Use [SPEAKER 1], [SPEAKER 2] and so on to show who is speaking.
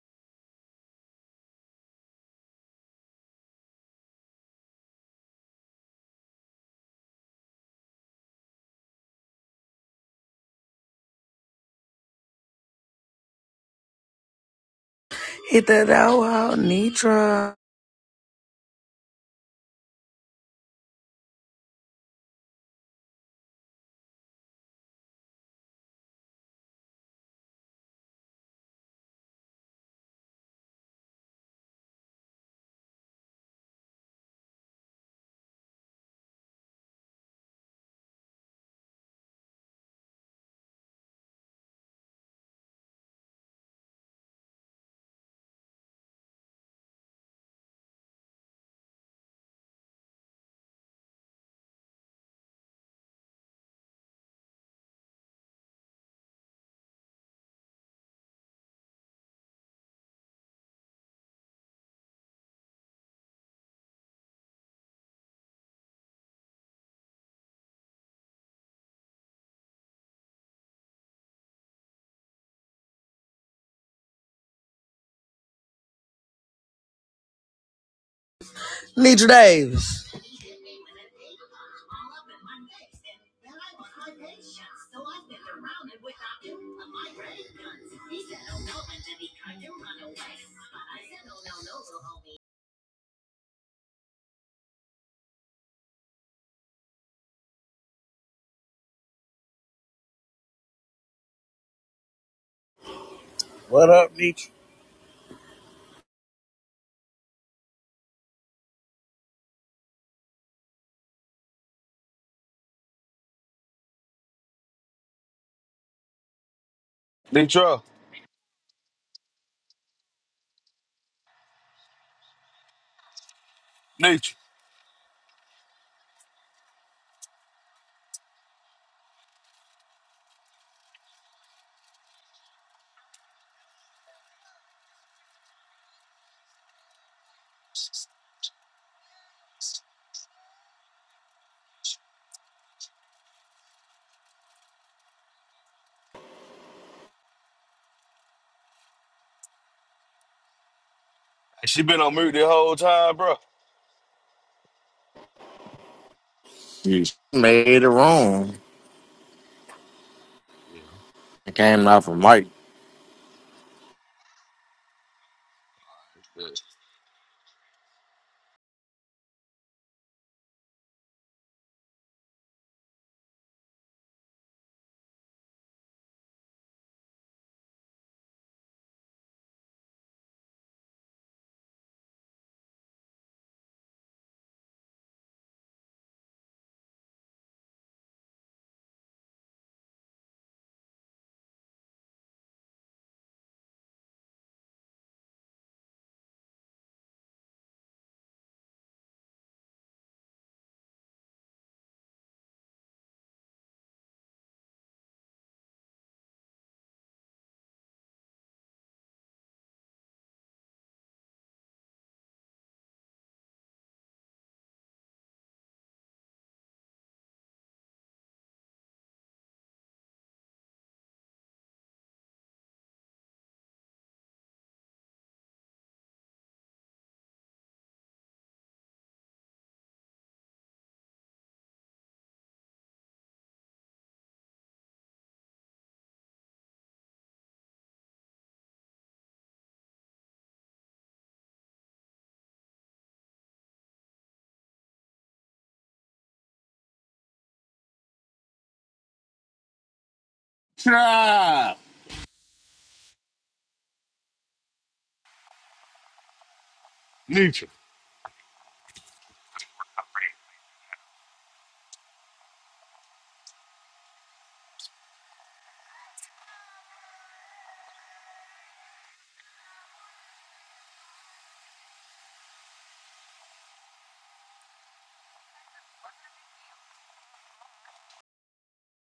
[SPEAKER 1] Hit that out, out, Nitra. Nitra Davis.
[SPEAKER 2] What up, Nietzsche?
[SPEAKER 3] They Nature. Nature. She been on mute the whole time, bro.
[SPEAKER 2] You made it wrong.
[SPEAKER 3] Yeah.
[SPEAKER 2] It came out from Mike.
[SPEAKER 4] Try.